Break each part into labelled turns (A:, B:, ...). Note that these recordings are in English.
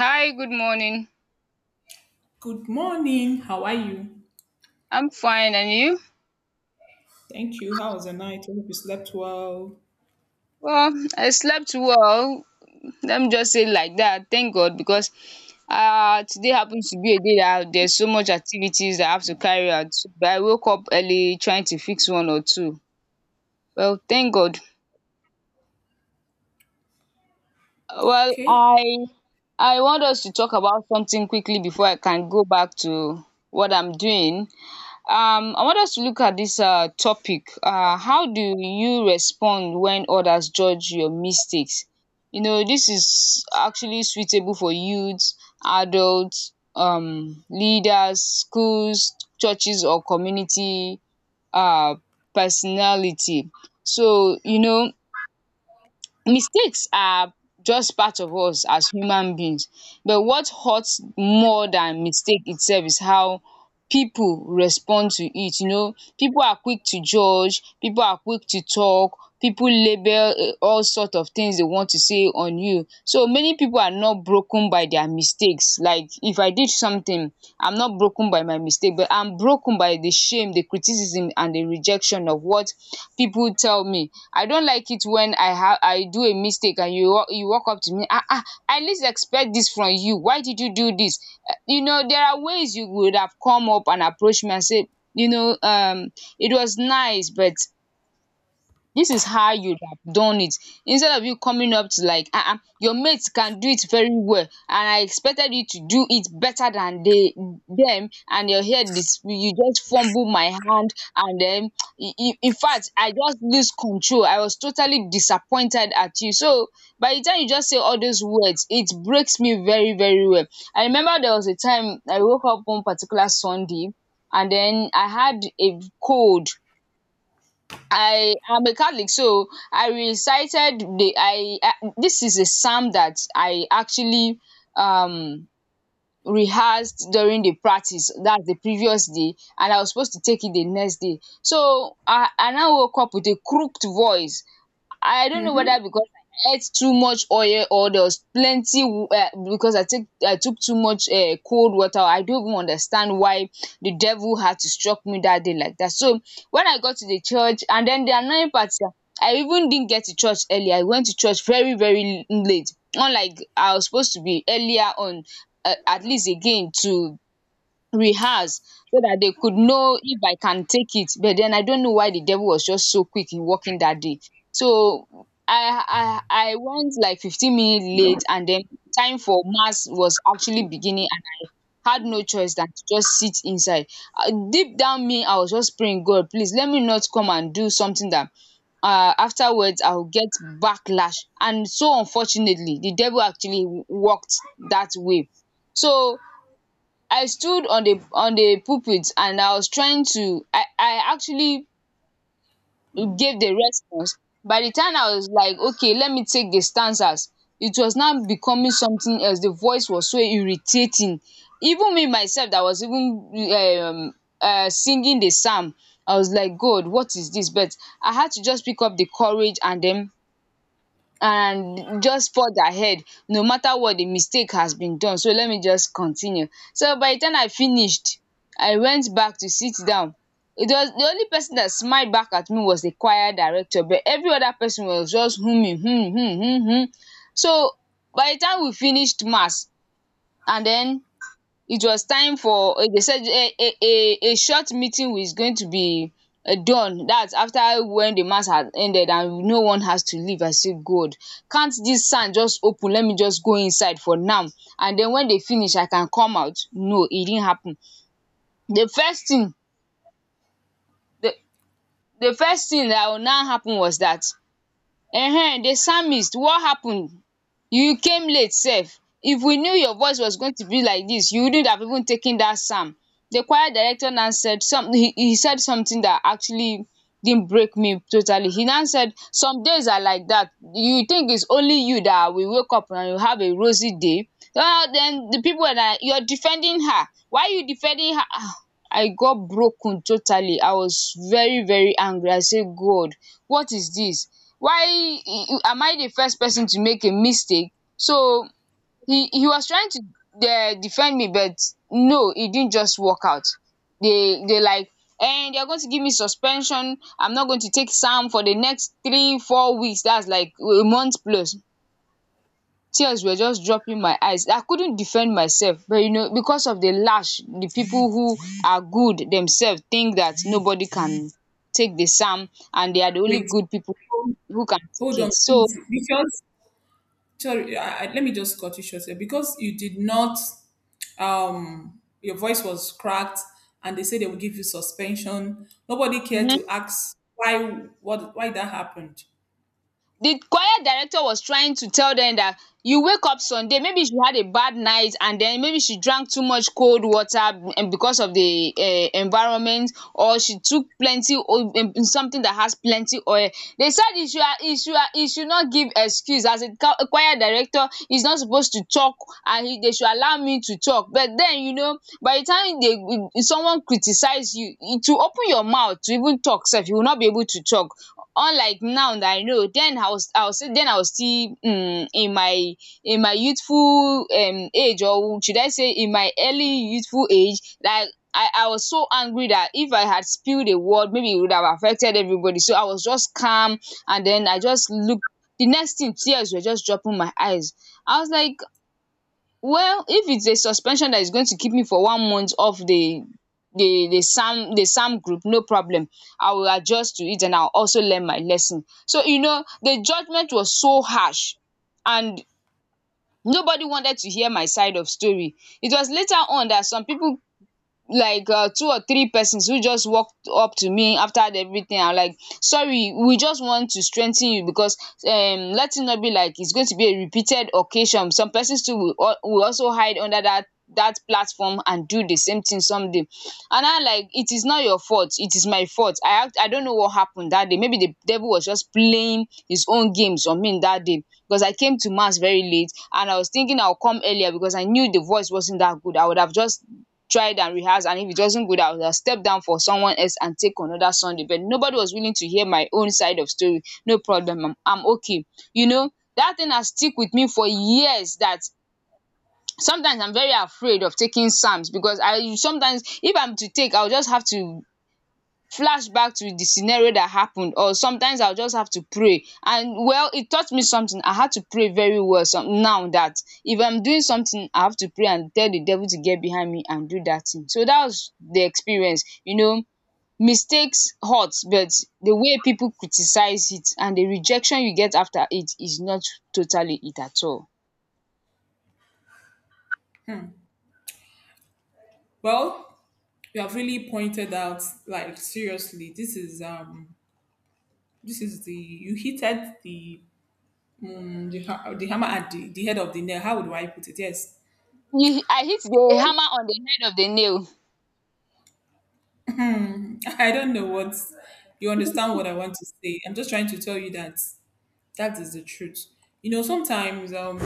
A: Hi, good morning.
B: Good morning. How are you?
A: I'm fine, and you?
B: Thank you. How was the night? Hope you slept well.
A: Well, I slept well. Let me just say it like that. Thank God because today happens to be a day that there's so much activities that I have to carry out. But I woke up early trying to fix one or two. Well, thank God. Well,
B: Okay.
A: I I want us to talk about something quickly before I can go back to what I'm doing. I want us to look at this topic. How do you respond when others judge your mistakes? You know, this is actually suitable for youths, adults, leaders, schools, churches or community, um personality. So you know, mistakes are just part of us as human beings, but what hurts more than mistake itself is how people respond to it, you know. People are quick to judge, people are quick to talk, people label, all sort of things they want to say on you. So many people are not broken by their mistakes. Like if I did something, I'm not broken by my mistake, but I'm broken by the shame, the criticism and the rejection of what people tell me. I don't like it when I do a mistake and you walk up to me, ah, ah, I least expect this from you, why did you do this? You know, there are ways you would have come up and approached me and said, you know, it was nice, but this is how you would have done it. Instead of you coming up to like, ah, ah, your mate can do it very well and I expected you to do it better than they them and your head is you just fumble my hand, and then in fact I just lose control, I was totally disappointed at you. So by the time you just say all those words, it breaks me very, very well. I remember there was a time I woke up one particular Sunday, and then I had a cold. I am a Catholic, so I recited the I this is a psalm that I actually um rehearsed during the practice, that's the previous day, and I was supposed to take it the next day. So I now woke up with a crooked voice. I don't know
B: Mm-hmm.
A: whether because I ate too much oil or there was plenty because I took too much cold water. I don't even understand why the devil had to struck me that day like that. So when I got to the church, and then the annoying part is that I even didn't get to church early. I went to church very, very late. Unlike I was supposed to be earlier on, at least again to rehearse so that they could know if I can take it. But then I don't know why the devil was just so quick in working that day. So I went like 15 minutes late, and then time for mass was actually beginning and I had no choice than to just sit inside. Deep down me, I was just praying, God, please let me not come and do something that afterwards I'll get backlash. And so unfortunately, the devil actually worked that way. So I stood on the pulpit and I was trying to, I actually gave the response. By the time I was like, okay, let me take the stanzas, it was now becoming something else, the voice was so irritating. Even me myself that was even singing the psalm, I was like, God, what is this? But I had to just pick up the courage and then and just forge ahead. No matter what, the mistake has been done. So let me just continue. So by the time I finished, I went back to sit down. It was the only person that smiled back at me was the choir director, but every other person was just humming, hmm, hmm, hmm, hmm. So by the time we finished mass and then it was time for, they said a short meeting was going to be done, that's after when the mass had ended and no one has to leave. I said, God, can't this sand just open, let me just go inside for now, and then when they finish I can come out. No, it didn't happen. The first thing, the the first thing that will now happen was that, the psalmist, what happened, you came late sef, if we knew your voice was going to be like this, you wouldn't have even taken that psalm. The choir director now said some, he said something that actually didn't break me totally. He now said, some days are like that, you think it's only you that will wake up and you have a rosy day. Well, then the people were like, you're defending her, why are you defending her? Ah, I got broken totally. I was very, very angry. I said, God, what is this? Why am I the first person to make a mistake? So he was trying to defend me, but no, it didn't just work out. They like and they're going to give me suspension. I'm not going to take SAM for the next 3 or 4 weeks, that's like a month plus. Tears were just dropping my eyes, I couldn't defend myself. But you know, because of the lash, the people who are good themselves think that nobody can take the psalm and they are the only
B: Wait.
A: good people
B: Hold
A: who can
B: hold
A: take
B: on,
A: it. So
B: please. Because sorry, let me just cut you short here. Because you did not, your voice was cracked, and they said they would give you suspension. Nobody cared to
A: mhm.
B: ask why. What? Why that happened?
A: The choir director was trying to tell them that you wake up Sunday, maybe she had a bad night, and then maybe she drank too much cold water and because of the environment, or she took plenty oil, something that has plenty oil. They said he should he should not give excuse, as a choir director he's not supposed to talk, and they should allow me to talk. But then you know, by the time they, someone criticize you to open your mouth to even talk sef, you will not be able to talk. Unlike now that I know, then I was then I was still in my youthful age, or should I say in my early youthful age, like I was so angry that if I had spilled a word maybe it would have affected everybody, so I was just calm, and then I just looked, the next thing tears were just dropping my eyes. I was like, well, if it's a suspension that is going to keep me for 1 month off the the SAM, the SAM group, no problem. I will adjust to it and I'll also learn my lesson. So you know, the judgment was so harsh, and nobody wanted to hear my side of story. It was later on that some people like, two or three persons, who just walked up to me after everything. I'm like, sorry, we just want to strengthen you, because let it not be like it's going to be a repeated occasion, some persons too will, will also hide under that that platform and do the same thing someday, and I like, it is not your fault, it is my fault. I act, I don't know what happened that day, maybe the devil was just playing his own games on me that day, because I came to mass very late, and I was thinking I'll come earlier, because I knew the voice wasn't that good, I would have just tried and rehearsed, and if it wasn't good I would have stepped down for someone else and take another Sunday. But nobody was willing to hear my own side of story. No problem, I'm okay. You know, that thing has stick with me for years, that sometimes I'm very afraid of taking psalms, because I sometimes, if I'm to take, I'll just have to flash back to the scenario that happened, or sometimes I'll just have to pray. And well, it taught me something. I had to pray very well some, now that if I'm doing something, I have to pray and tell the devil to get behind me and do that thing. So that was the experience. You know, mistakes hurt, but the way people criticize it and the rejection you get after it is not totally it at all.
B: Well, you have really pointed out, like seriously, this is the you heated the hammer at the head of the nail. How do I put it? Yes.
A: You- I hit the hammer on the head of the nail.
B: I don't know what you understand what I want to say. I'm just trying to tell you that that is the truth. You know, sometimes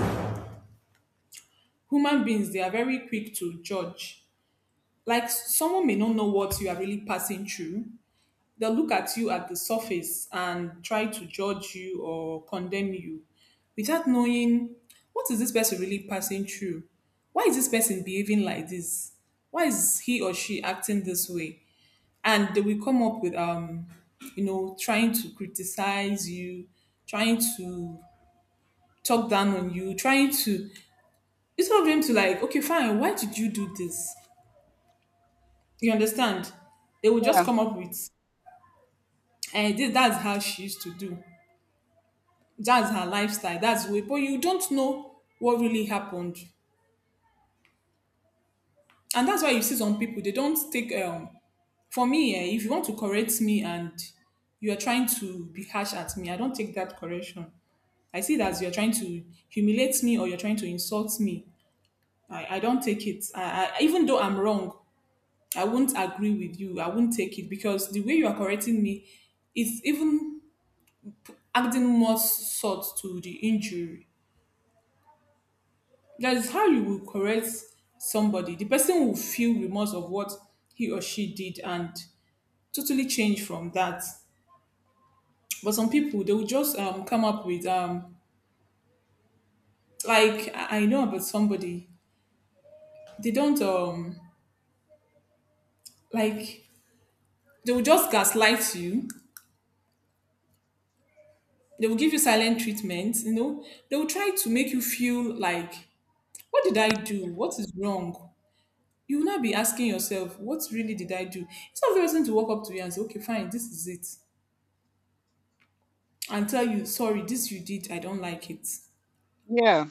B: human beings they are very quick to judge. Like someone may not know what you are really passing through. They'll look at you at the surface and try to judge you or condemn you without knowing what is this person really passing through? Why is this person behaving like this? Why is he or she acting this way? And they will come up with you know, trying to criticize you, trying to talk down on you, trying to, instead of them to like, okay, fine, why did you do this? You understand? They will just
A: Yeah.
B: come up with, and this, that's how she used to do, that's her lifestyle. That's the way. But you don't know what really happened, and that's why you see some people they don't take. For me, eh, if you want to correct me and you are trying to be harsh at me, I don't take that correction. I see that you're trying to humiliate me or you're trying to insult me. I don't take it. Even though I'm wrong, I won't agree with you. I won't take it because the way you are correcting me is even adding more salt to the injury. That is how you will correct somebody. The person will feel remorse of what he or she did and totally change from that. But some people they will just come up with like I know about somebody. They don't like they will just gaslight you. They will give you silent treatment. You know they will try to make you feel like, what did I do? What is wrong? You will not be asking yourself, what really did I do? It's not the person to walk up to you and say, okay fine, this is it, and tell you, sorry, this you did, I don't like it.
A: Yeah.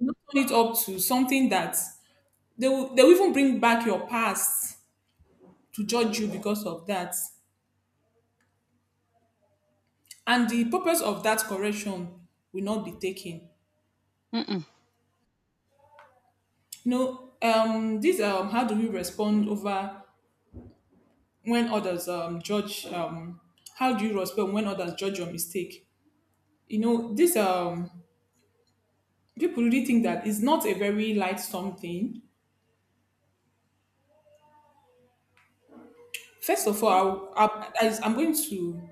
B: Not turn it up to something that they will even bring back your past to judge you because of that. And the purpose of that correction will not be taken.
A: Mm-mm.
B: You know, this how do you respond over when others judge how do you respond when others judge your mistake? You know, this people really think that it's not a very light something. First of all, I'm going to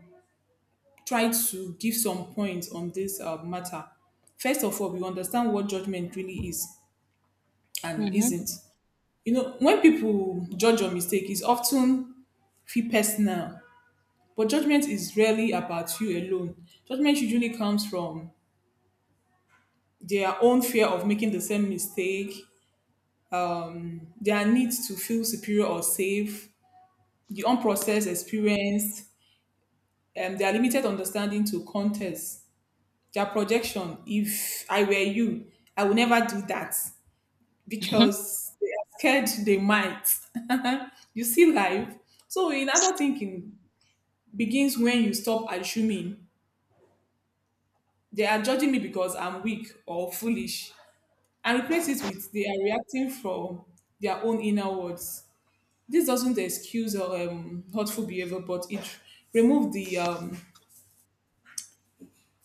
B: try to give some points on this matter. First of all, we understand what judgment really is and
A: Mm-hmm.
B: isn't. You know, when people judge a mistake, it's often feel personal, but judgment is rarely about you alone. Judgment usually comes from their own fear of making the same mistake, their need to feel superior or safe, the unprocessed experience, and their limited understanding to context, their projection. If I were you, I would never do that because they are scared they might. You see life. So, in adult thinking begins when you stop assuming they are judging me because I'm weak or foolish and replace it with they are reacting from their own inner words. This doesn't excuse or hurtful behavior, but it removes the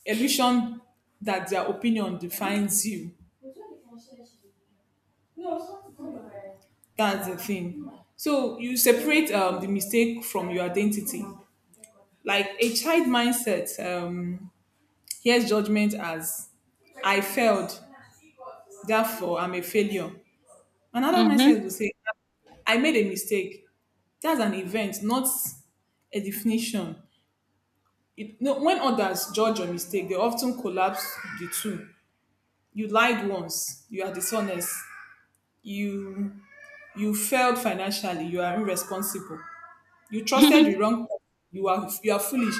B: illusion that their opinion defines you. That's the thing. So you separate the mistake from your identity. Like a child mindset hears judgment as I failed, therefore I'm a failure. Another
A: Mm-hmm.
B: mindset will say, I made a mistake. That's an event, not a definition. It, no, when others judge your mistake, they often collapse the two. You lied once, you are dishonest. You you failed financially, you are irresponsible. You trusted the wrong person, you are foolish.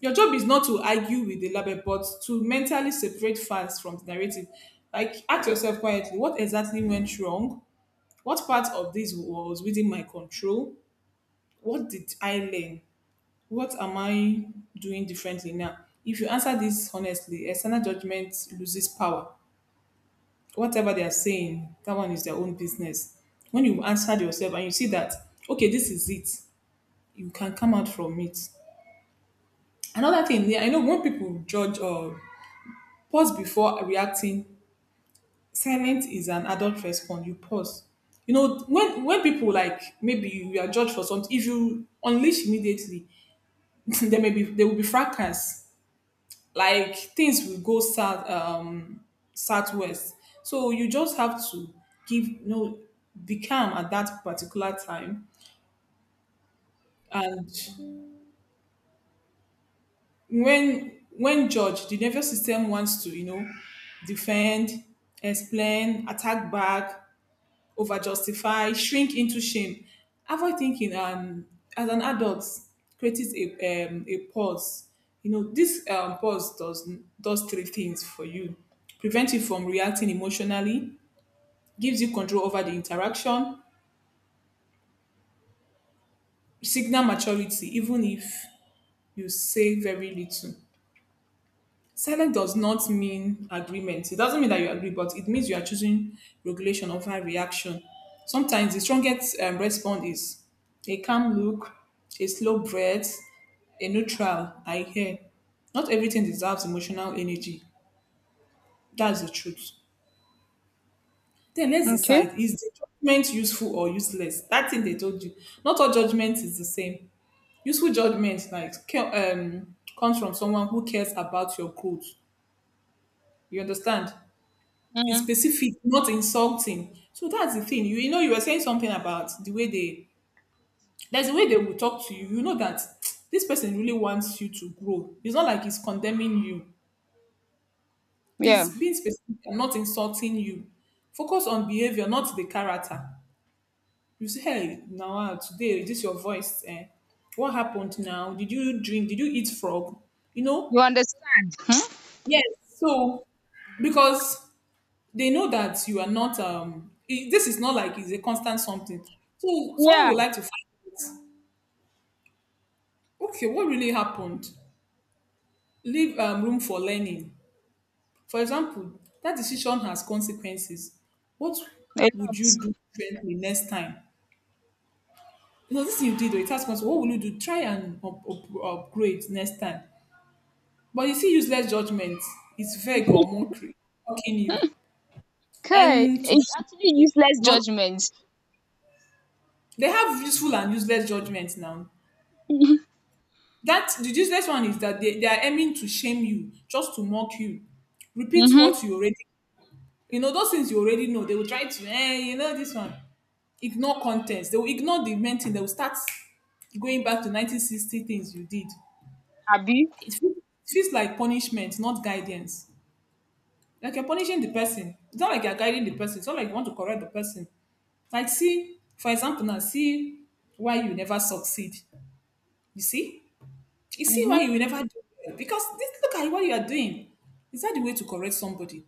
B: Your job is not to argue with the label, but to mentally separate facts from the narrative. Like, ask yourself quietly, what exactly went wrong? What part of this was within my control? What did I learn? What am I doing differently now? If you answer this honestly, external judgment loses power. Whatever they are saying, that one is their own business. When you answer yourself and you see that, okay, this is it, you can come out from it. Another thing, yeah, I know when people judge, or pause before reacting, silence is an adult response. You pause. You know, when people like, maybe you are judged for something, if you unleash immediately there will be fracas, like things will go south, southwest. So you just have to give, you know, be calm at that particular time. And when judged, the nervous system wants to, you know, defend, explain, attack back, over justify, shrink into shame. Avoid thinking, and as an adult, creates a pause. You know, this pause does three things for you. Prevent you from reacting emotionally, gives you control over the interaction, signal maturity, even if you say very little. Silence does not mean agreement. It doesn't mean that you agree, but it means you are choosing regulation over reaction. Sometimes the strongest response is a calm look, a slow breath, a neutral, I hear. Not everything deserves emotional energy. That's the truth. Then let's
A: Okay.
B: decide, is the judgment useful or useless? That thing they told you. Not all judgment is the same. Useful judgment like comes from someone who cares about your growth. You understand? It's
A: Mm,
B: specific, not insulting. So that's the thing. You know, you were saying something about the way they, there's a way they will talk to you. You know that this person really wants you to grow. It's not like he's condemning you.
A: yeah.
B: He's being specific and not insulting you. Focus on behavior, not the character. You say, hey, now ah, today is this your voice? Eh? What happened now? Did you drink? Did you eat frog? You know?
A: You understand? Hmm?
B: Yes. So, because they know that you are not this is not like it's a constant something, so someone
A: Yeah,
B: would like to find out, okay, what really happened. Leave room for learning. For example, that decision has consequences. What
A: a
B: would you
A: lot.
B: do differently next time? You know this thing you did, oh, it has consequences. What will you do? Try and upgrade next time. But you see, useless judgment, it's vague or mockery, mocking you,
A: Okay,
B: and to
A: it's actually useless
B: not,
A: judgment.
B: they have useful and useless judgments now. That the useless one is that they are aiming to shame you, just to mock you. Repeat
A: Mm-hmm.
B: what you already, you know, those things you already know. They will try to, eh, you know, this one. Ignore contents. They will ignore the main thing. They will start going back to 1960 things you did.
A: Abby.
B: It feels like punishment, not guidance. Like you're punishing the person. It's not like you're guiding the person. It's not like you want to correct the person. Like, see, for example, now, see why you never succeed. You see? You see why
A: Mm-hmm.
B: you will never do well. Because this, look at what you are doing. Is that the way to correct somebody?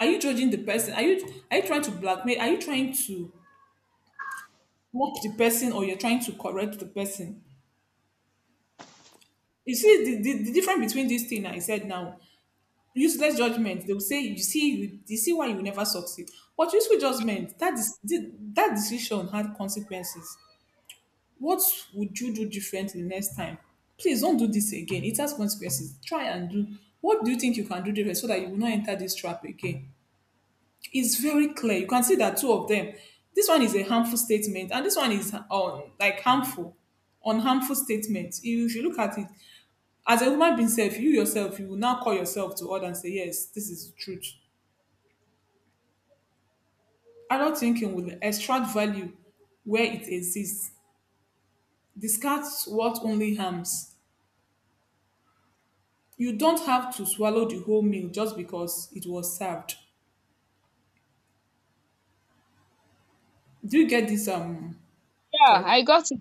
B: Are you judging the person? Are you trying to blackmail? Are you trying to mock the person, or you're trying to correct the person? You see the, difference between this thing I said now, useless judgment. They will say, you see, you see why you never succeed. But useful judgment, that is that decision had consequences. What would you do differently next time? Please don't do this again. It has consequences. Try and do. What do you think you can do different so that you will not enter this trap again? It's very clear. You can see that two of them. This one is a harmful statement, and this one is like harmful, unharmful statement. You should look at it as a human being self, you yourself, you will now call yourself to order and say, yes, this is the truth. Adult thinking will extract value where it exists, discard what only harms. You don't have to swallow the whole meal just because it was served. Do you get this
A: Yeah,
B: talk?
A: I got it.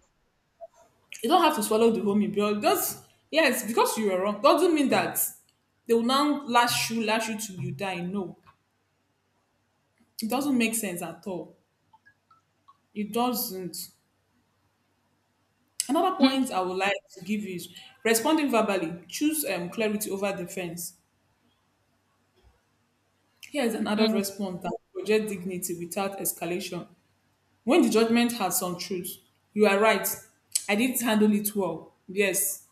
B: You don't have to swallow the whole meal, but just yes, because you were wrong doesn't mean that they will now lash you till you die. No, it doesn't make sense at all. It doesn't. Another
A: Mm-hmm.
B: point I would like to give you is responding verbally. Choose clarity over defense. Here is an adult
A: Mm,
B: response that projects dignity without escalation. When the judgment had some truth, you are right. I didn't handle it well. Yes.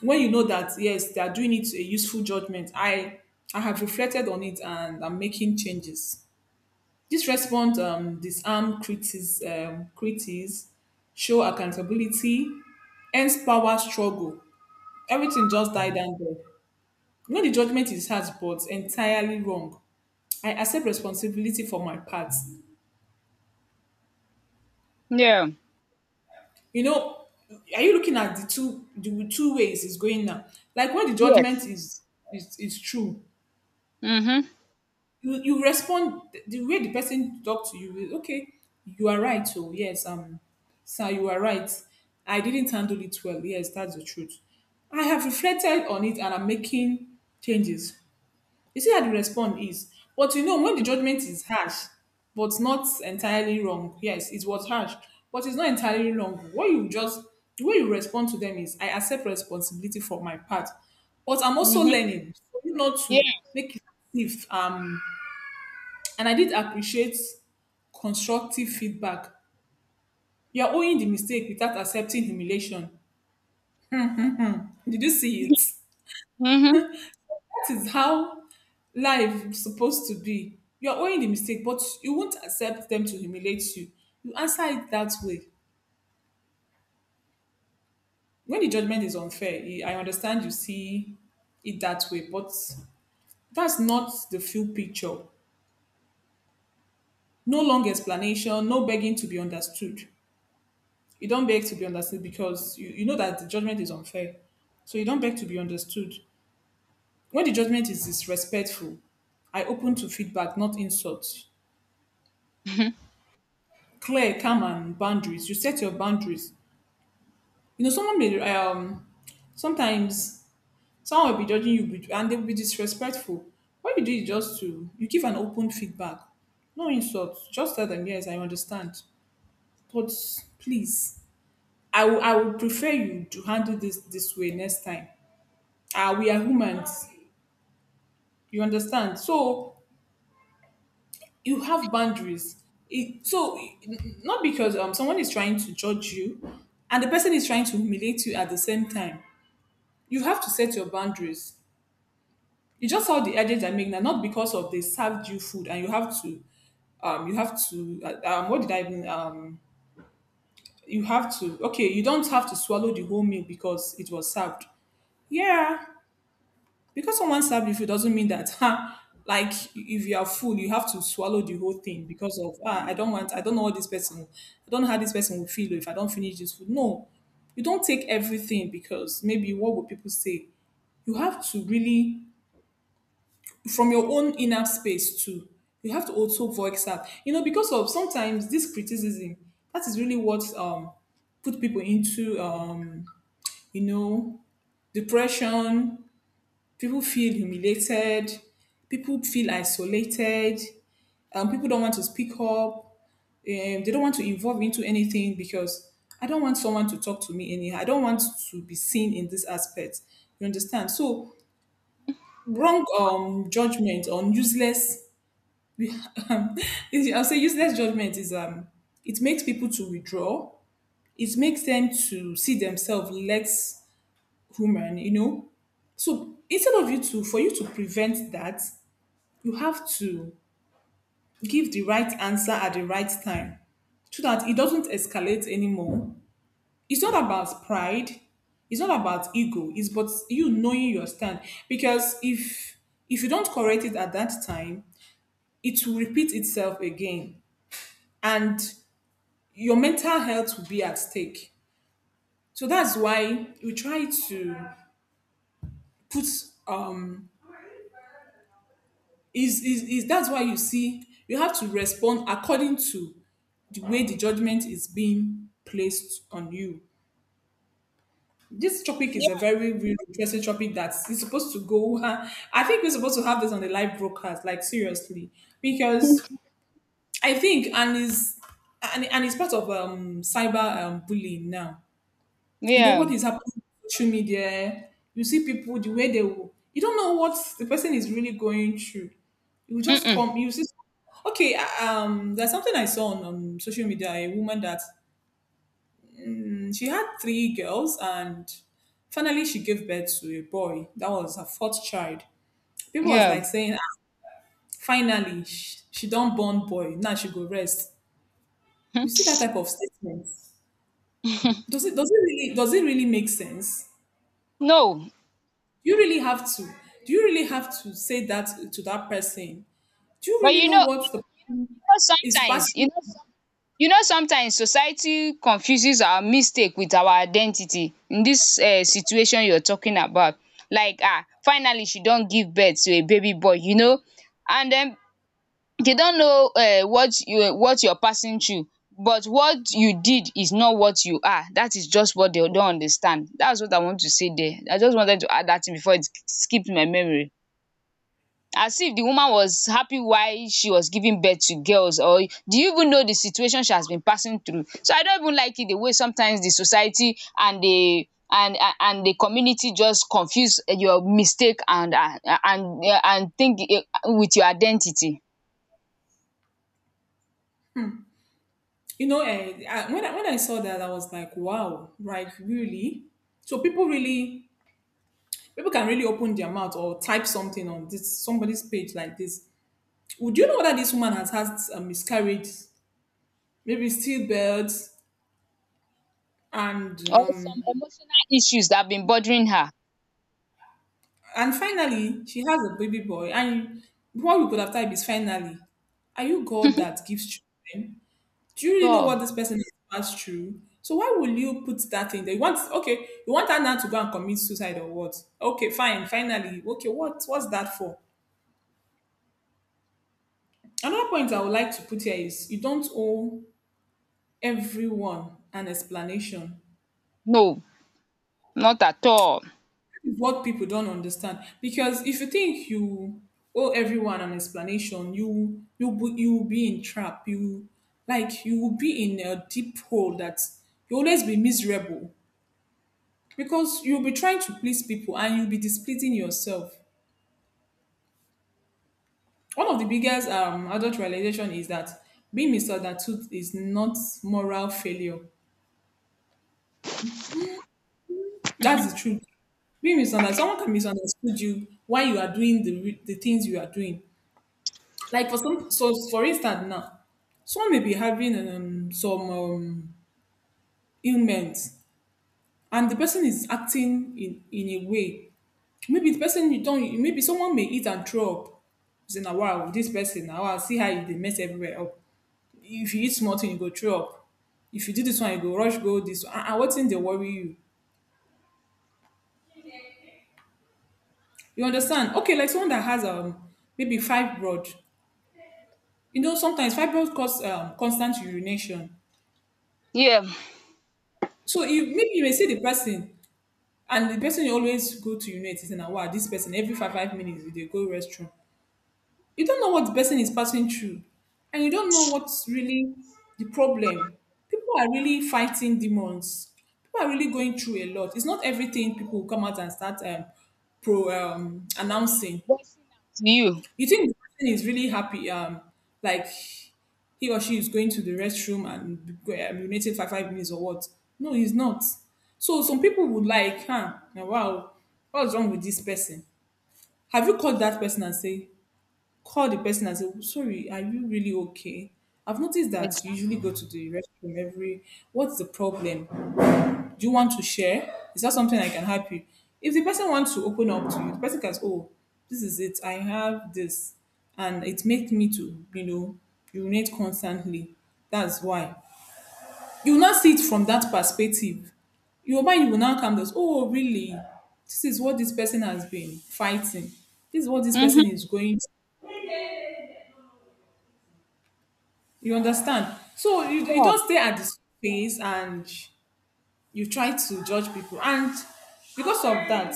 B: When you know that, yes, they are doing it a useful judgment, I have reflected on it and I'm making changes. This response disarm critics, show accountability, ends power struggle. Everything just died down there. When the judgment is harsh but entirely wrong, I accept responsibility for my part.
A: yeah.
B: You know, are you looking at the two ways it's going now, like when the judgment
A: Yes.
B: is is true?
A: Mm-hmm.
B: You respond the way the person talk to you is okay. You are right, so yes, sir, you are right. I didn't handle it well, yes, that's the truth. I have reflected on it and I'm making changes. You see how the response is. But you know, when the judgment is harsh, but not entirely wrong, yes, it was harsh, but it's not entirely wrong. What you just, the way you respond to them is, I accept responsibility for my part, but I'm also
A: Mm-hmm.
B: learning for you not
A: Yeah.
B: to make it if and I did appreciate constructive feedback. You're owning the mistake without accepting humiliation. Did you see it?
A: Mm-hmm. Mm-hmm.
B: That is how life is supposed to be. You're owning the mistake, but you won't accept them to humiliate you. You answer it that way. When the judgment is unfair, eh, I understand you see it that way, but that's not the full picture. No long explanation, no begging to be understood. You don't beg to be understood because you know that the judgment is unfair. So you don't beg to be understood. When the judgment is disrespectful, I open to feedback, not insults. Clear, calm, and boundaries. You set your boundaries. You know, someone may sometimes, someone will be judging you and they will be disrespectful. What you do is just to you give an open feedback, no insults, just tell them, yes, I understand, but please, I would prefer you to handle this way next time. Ah, we are humans, you understand? So you have boundaries it, not because someone is trying to judge you and the person is trying to humiliate you at the same time, you have to set your boundaries. It's just all the edges I make now, not because of they served you food and you have to, what did I even, you have to, okay, you don't have to swallow the whole meal because it was served. Yeah, because someone served you food doesn't mean that, huh? Like if you are full, you have to swallow the whole thing because of ah, I don't want, I don't know what this person, I don't know how this person will feel if I don't finish this food. No, you don't take everything because maybe what will people say? You have to really from your own inner space too. You have to also voice out. You know, because of sometimes this criticism, that is really what put people into you know, depression. People feel humiliated, people feel isolated, people don't want to speak up, they don't want to involve into anything because I don't want someone to talk to me anyhow. I don't want to be seen in this aspect. You understand? So wrong judgment on useless um, I'll say useless judgment is it makes people to withdraw. It makes them to see themselves less human, you know. So instead of for you to prevent that, you have to give the right answer at the right time, so that it doesn't escalate anymore. It's not about pride. It's not about ego. It's but you knowing your stand. Because if you don't correct it at that time, it will repeat itself again. And your mental health will be at stake. So that's why we try to put um is that's why you see you have to respond according to the way the judgment is being placed on you. This topic is a
A: Yeah.
B: very real interesting topic that is supposed to go. I think we're supposed to have this on the live broadcast, like seriously, because I think and is and it's part of cyber bullying now. You know
A: Yeah.
B: what is happening on social media, eh? You see people the way they will. You don't know what the person is really going through. You will just
A: Mm-mm.
B: come. You see. Okay, there's something I saw on social media. A woman that she had three girls and finally she gave birth to a boy. That was her fourth child. People was
A: Yeah.
B: like saying, "Ah, finally she don't born boy. Now she go rest.
A: Hmm.
B: You see that type of statement. Does it really make sense?
A: No.
B: Do you really have to? Do you really have to say that to that person? Do you
A: But
B: really know what the is
A: sometimes,
B: passing?
A: sometimes society confuses our mistake with our identity in dis situation you're talking about, like finally she don give birth to a baby boy, and den they don't know what you're passing through. But what you did is not what you are. That is just what they don't understand. That's what I want to say there. I just wanted to add that thing before it skipped my memory. As if the woman was happy why she was giving birth to girls, or do you even know the situation she has been passing through? So I don't even like it, the way sometimes the society and the community just confuse your mistake and think, eh, with your identity,
B: You know, when I saw that, I was like, wow, right, really? So people can really open their mouth or type something on this somebody's page like this. Would you know whether this woman has had a miscarriage, maybe stillbirth, and
A: or some
B: um,
A: emotional issues that have been bothering her.
B: and finally she has a baby boy, and what you could have typed is finally. Are you God that gives children? Do you really know
A: So
B: what this person has passed through? So why will you put that in there? You want okay, you want her now to go and commit suicide or what? Okay, fine, finally. Okay, what what's that for? Another point I would like to put here is you don't owe everyone an explanation.
A: no, not at all.
B: That is what people don't understand. Because if you think you owe everyone an explanation, you will be in trap. You like you will be in a deep hole that you will always be miserable because you'll be trying to please people and you'll be displeasing yourself. One of the biggest adult realization is that being misunderstood is not moral failure. That's the truth. Being misunderstood, someone can misunderstood you why you are doing the things you are doing. Like for some, so for instance now, someone may be having some ailment and the person is acting in a way. Maybe the person you don't. Maybe someone may eat and throw up. You say na wow. This person na wow, see how e dey mess everywhere up. If you eat small thing you go throw up. If you do this one you go rush go this one. And what thing dey worry you? You understand? Okay, like someone that has maybe fibroid. You know sometimes fibroid cause constant urination.
A: Yeah.
B: So you may see the person and the person dey always go to urinate. Is in a wow. This person every 5 5 minutes they go restroom. You don't know what the person is passing through and you don't know what's really the problem. People are really fighting demons, people are really going through a lot. It's not everything people will come out and start pro announcing.
A: To you.
B: You think the person is really happy like he or she is going to the restroom and urinating for 5 minutes or what? No, he's not. So some people would like, huh, now wow, what's wrong with this person? Have you called that person and say, call the person and say, sorry, are you really okay? I've noticed that you
A: Exactly.
B: usually go to the restroom every. What's the problem? Do you want to share? Is that something I can help you? If the person wants to open up to you, the person can say, oh, this is it. I have this, and it makes me to you know urinate constantly. That's why you will not see it from that perspective. Your mind will now come down. Oh, really? This is what this person has been fighting. This is what this person
A: Mhm.
B: is going. You understand? So you
A: Yeah.
B: don't stay at the space and you try to judge people. And because of that,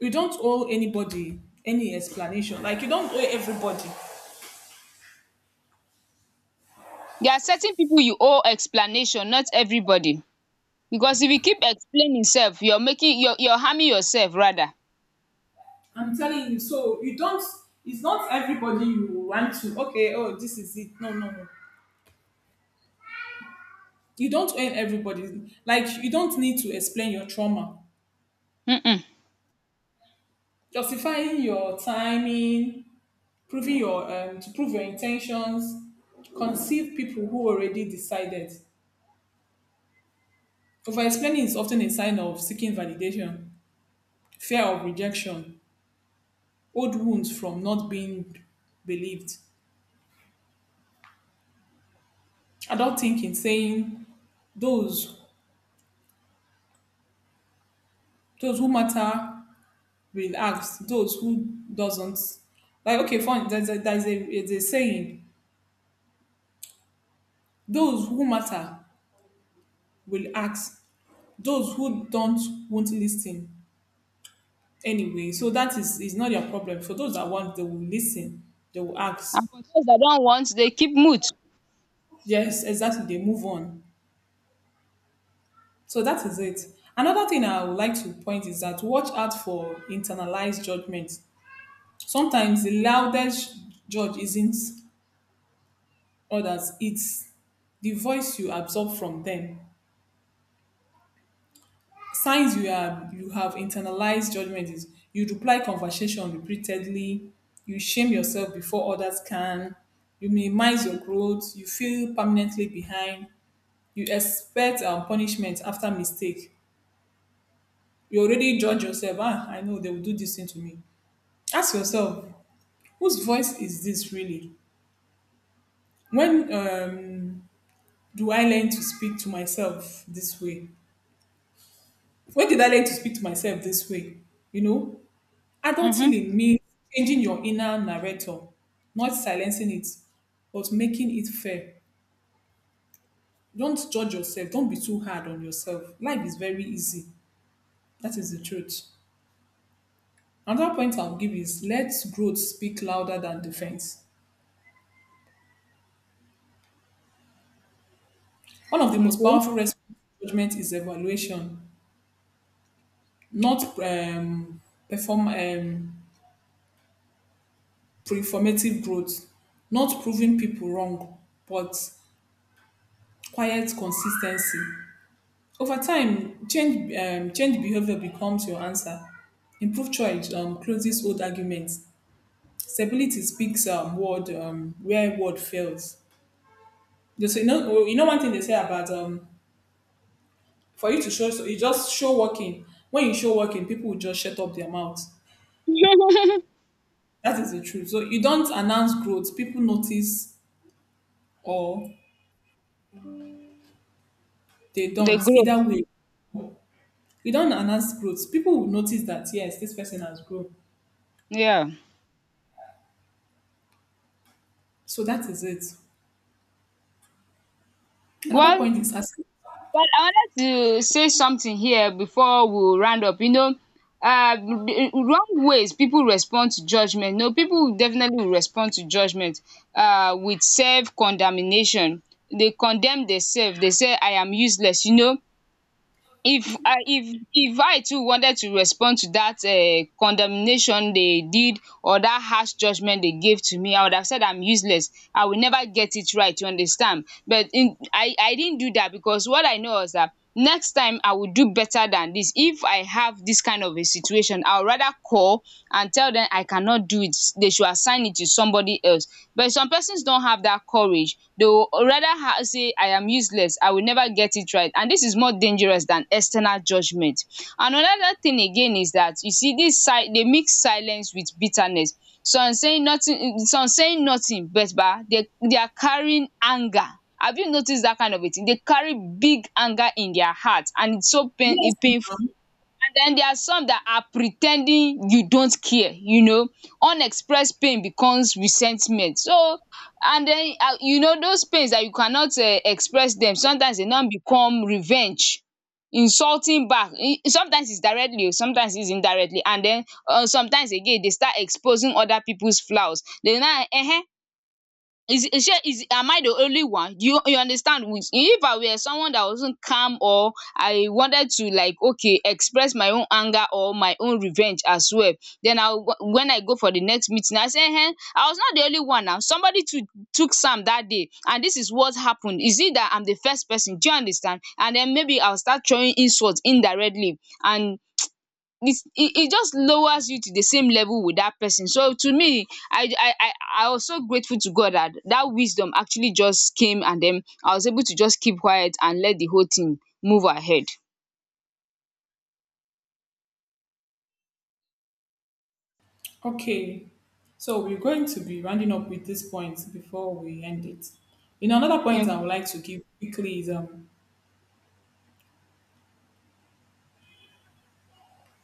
B: you don't owe anybody any explanation. Like you don't owe everybody.
A: There are certain people you owe explanation, not everybody. Because if you keep explaining self, you're harming yourself rather.
B: I'm telling you, so you don't it's not everybody you want to okay, oh this is it. No, no, no. You don't owe everybody. Like you don't need to explain your trauma.
A: Mm-mm.
B: Justifying your timing, proving your to prove your intentions, conceive people who already decided. Over explaining is often a sign of seeking validation, fear of rejection, old wounds from not being believed. Adult thinking saying those those who matter will ask, those who doesn't. Like okay, fine, there's a saying, those who matter will ask, those who don't won't listen. Anyway, so that is not their problem. For those that want, they will listen, they will
A: And
B: ask.
A: for those that don't want, they keep mute.
B: Yes, exactly, they move on. So that is it. Another thing I would like to point is that watch out for internalized judgment. Sometimes the loudest judge isn't others, it's the voice you absorb from them. Signs you have internalized judgment is you reply conversation repeatedly, you shame yourself before others can, you minimize your growth, you feel permanently behind, you expect punishment after mistake. You already judge yourself, ah, I know they will do this thing to me. Ask yourself, whose voice is this really? When do I learn to speak to myself this way? When did I learn to speak to myself this way? You know, adult
A: Mm-hmm.
B: healing means changing your inner narrator, not silencing it, but making it fair. Don't judge yourself. Don't be too hard on yourself. Life is very easy. That is the truth. Another point I'll give is let growth speak louder than defense. One of the most
A: Okay.
B: powerful responses to judgment is evaluation, not perform um, performative growth, not proving people wrong, but quiet consistency. Over time, change behavior becomes your answer. Improved choice closes old arguments. Stability speaks word where word fails. Just, you know, one thing they say about, for you to show, so you just show working. When you show working, people will just shut up their mouths. That is the truth. So you don't announce growth. People notice or they
A: They
B: don't.
A: grow.
B: Either way, you don't announce growth. People will notice that yes, this person has grown.
A: Yeah.
B: So that is it. Another
A: Well,
B: point is asking.
A: I wanted to say something here before we round up. The wrong ways people respond to judgment. No, people definitely will respond to judgment with self condemnation. They condemn themselves. They say, I am useless. If I too wanted to respond to that condemnation they did, or that harsh judgement they gave to me, I would have said I'm useless, I will never get it right. You understand? But in, I didn't do that, because what I know is that next time I will do better, better than this. If I have this kind of a situation, I will rather call and tell them I cannot do it, they should assign it to somebody else. But some persons don't have that courage. They will rather ha say I am useless, I will never get it right, and this is more dangerous than external judgment. Another thing again is that you see dis, they mix silence with bitterness. Some saying nothing, but bah, they are carrying anger. Have you noticed that kind of a thing? They carry big anger in their heart, and it's so
B: Yes.
A: painful. And then there are some that are pretending you don't care, you know. Unexpressed pain becomes resentment. So, and then those pains that you cannot express them, sometimes they now become revenge, insulting back. Sometimes it's directly, sometimes it's indirectly, and then sometimes again they start exposing other people's flaws. They now is she is am I the only one? Do You, you understand? With, if I were someone that wasn't calm, or I wanted to, like, okay, express my own anger or my own revenge as well, then when I go for the next meeting, I say, "Hey, I was not the only one now. Somebody too took some that day, and this is what happened. Is it that I'm the first person? Do you understand?" And then maybe I'll start throwing insults indirectly, and it just lowers you to the same level with that person. So to me, I I was so grateful to God that that wisdom actually just came, and then I was able to just keep quiet and let the whole thing move ahead.
B: Okay, so we're going to be rounding up with this point before we end it. You know, another point
A: Okay,
B: I would like to give quickly is.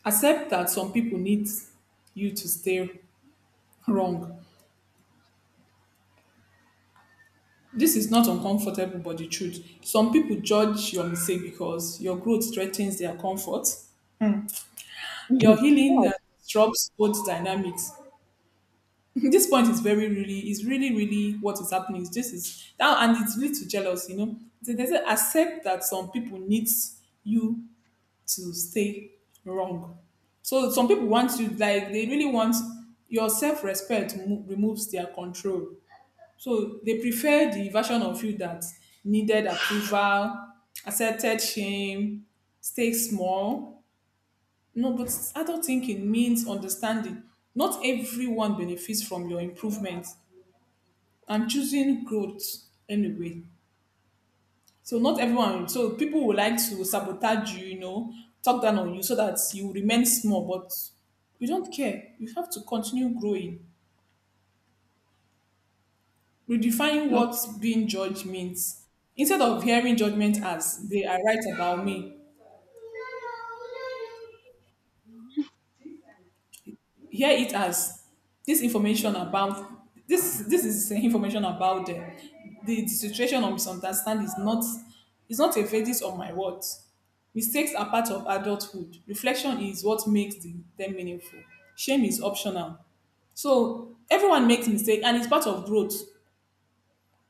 B: Accept that some people need you to stay wrong. This is not uncomfortable, but the truth. Some people judge your mistake because your growth threatens their comfort. Your healing disrupts both dynamics. This point is very really is really really what is happening. Is this is now and it leads to jealousy. You know, they say accept that some people needs you to stay wrong. So some people want you, like they really want your self respect removes their control. So they prefer the version of you that needed approval, accepted shame, stay small. No, but adult thinking means understanding. Not everyone benefits from your improvement and choosing growth anyway. So not everyone. So people will like to sabotage you, you know, talk down on you, so that you remain small. But you don't care. You have to continue growing. Redefine what
A: okay.
B: being judged means. Instead of hearing judgment as they are right about me, here it as this information about this is information about the situation of misunderstanding. Is not a verdict on my words. Mistakes are part of adulthood. Reflection is what makes them meaningful. Shame is optional. So everyone makes mistakes and it's part of growth.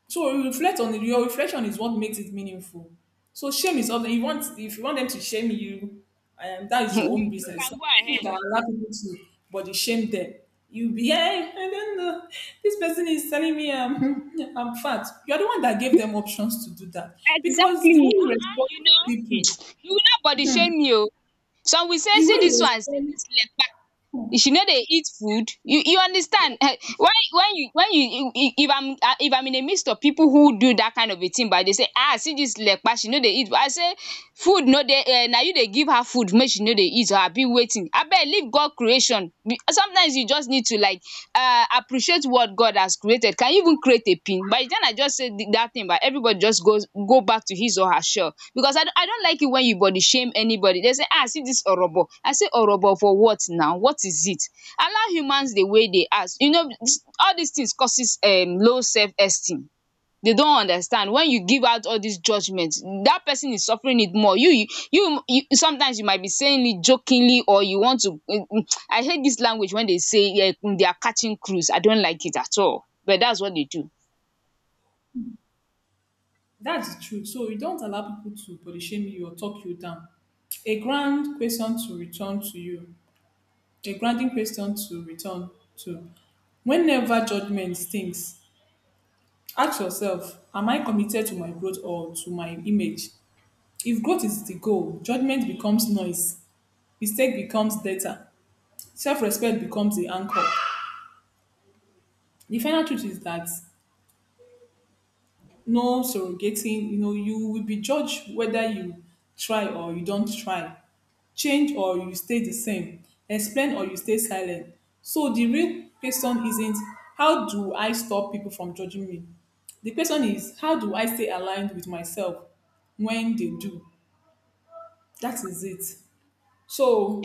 B: So you reflect on it. Your reflection is what makes it meaningful. So shame is something you want. If you want them to shame you, that is your own business. Some people that allow people to body shame them. You be, hey, I don't know. This person is telling me, I'm fat. You are the one that gave them options to do that because the way
A: Exactly.
B: you respond to people,
A: You will not body shame me oh. Some will say,
B: the way
A: see
B: you
A: this one, see
B: respond,
A: this left,
B: hmm,
A: she know they eat food. You understand? When you when you, if I'm, if I'm in a midst of people who do that kind of a thing, but they say, see this lekpa, she know they eat, I say food, no they. Na you they give her food make she know they eat. I abi wetin abeg, leave God creation. Sometimes you just need to, like, appreciate what God has created. Can you even create a pin? By then I just said that thing, but everybody just goes go back to his or her shell. Because I, I don't like it when you body shame anybody. They say, ah, see this Orobo. I say Orobo for what now? What is it? Allow humans the way they are. You know, all these things causes low self-esteem. They don't understand. When you give out all these judgments, that person is suffering it more. You, sometimes you might be saying it jokingly, or you want to, I hate this language when they say, yeah, they are catching crews. I don't like it at all, but that's what they do.
B: that's the truth. So you don't allow people to body shame you or talk you down. A grand question to return to you. A grounding question to return to. Whenever judgment stings, ask yourself, am I committed to my growth or to my image? If growth is the goal, judgment becomes noise, mistake becomes data, self-respect becomes the anchor. The final truth is that no surrogating, you know, you will be judged. Whether you try or you don't try, change or you stay the same, explain or you stay silent. So the real question isn't how do I stop people from judging me. The question is how do I stay aligned with myself when they do. That is it.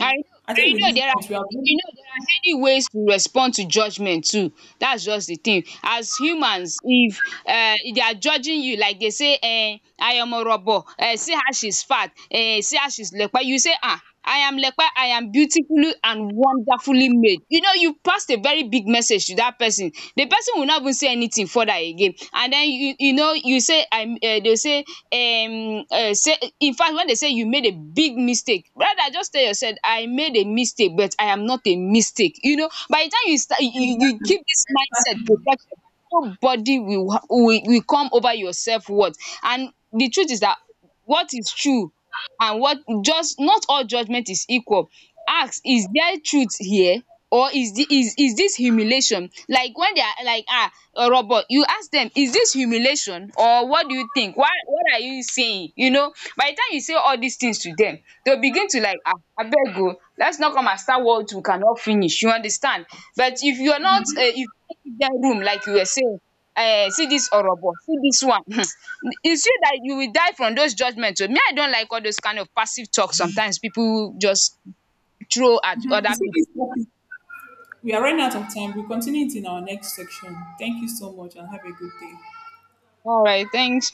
A: I know.
B: I think with
A: I know
B: this
A: there are
B: point we are
A: heady,
B: really-
A: there are heady ways to respond to judgement too. That's just the thing. As humans, if they are judging you, like they say, I am Orobo, see how she's fat, see how she's Lepe, you say, I am Lepe, I am beautifully and wonderfully made. You know, you passed a very big message to that person. The person will not even say anything further again. And then you know you say I, they will say, say, in fact, when they say you made a big mistake, rather just tell yourself, I made a mistake, but I am not a mistake. You know, by the time you start, you keep this mindset
B: Mm,
A: protected, nobody will, will come over your self worth. And the truth is that, what is true, and what just not all judgment is equal. Ask, is there truth here, or is the is this humiliation? Like when they are like, ah, Oro boy, you ask dem, is this humiliation, or what do you think? Why, what are you saying? You know, by the time you say all these things to dem, they will begin to, like, ah, abeg oo, let's not come and start what we cannot finish, you understand? But if you are not if you no give dem room, like you were saying, see this orobo, see this one it's you that you will die from those judgement. Me, I don't like all those kind of passive talk sometimes people just throw at
B: you
A: other
B: see
A: people.
B: this topic, we are running out of time. We'll continue it in our next section. Thank you so much and have a good day.
A: Alright, thanks.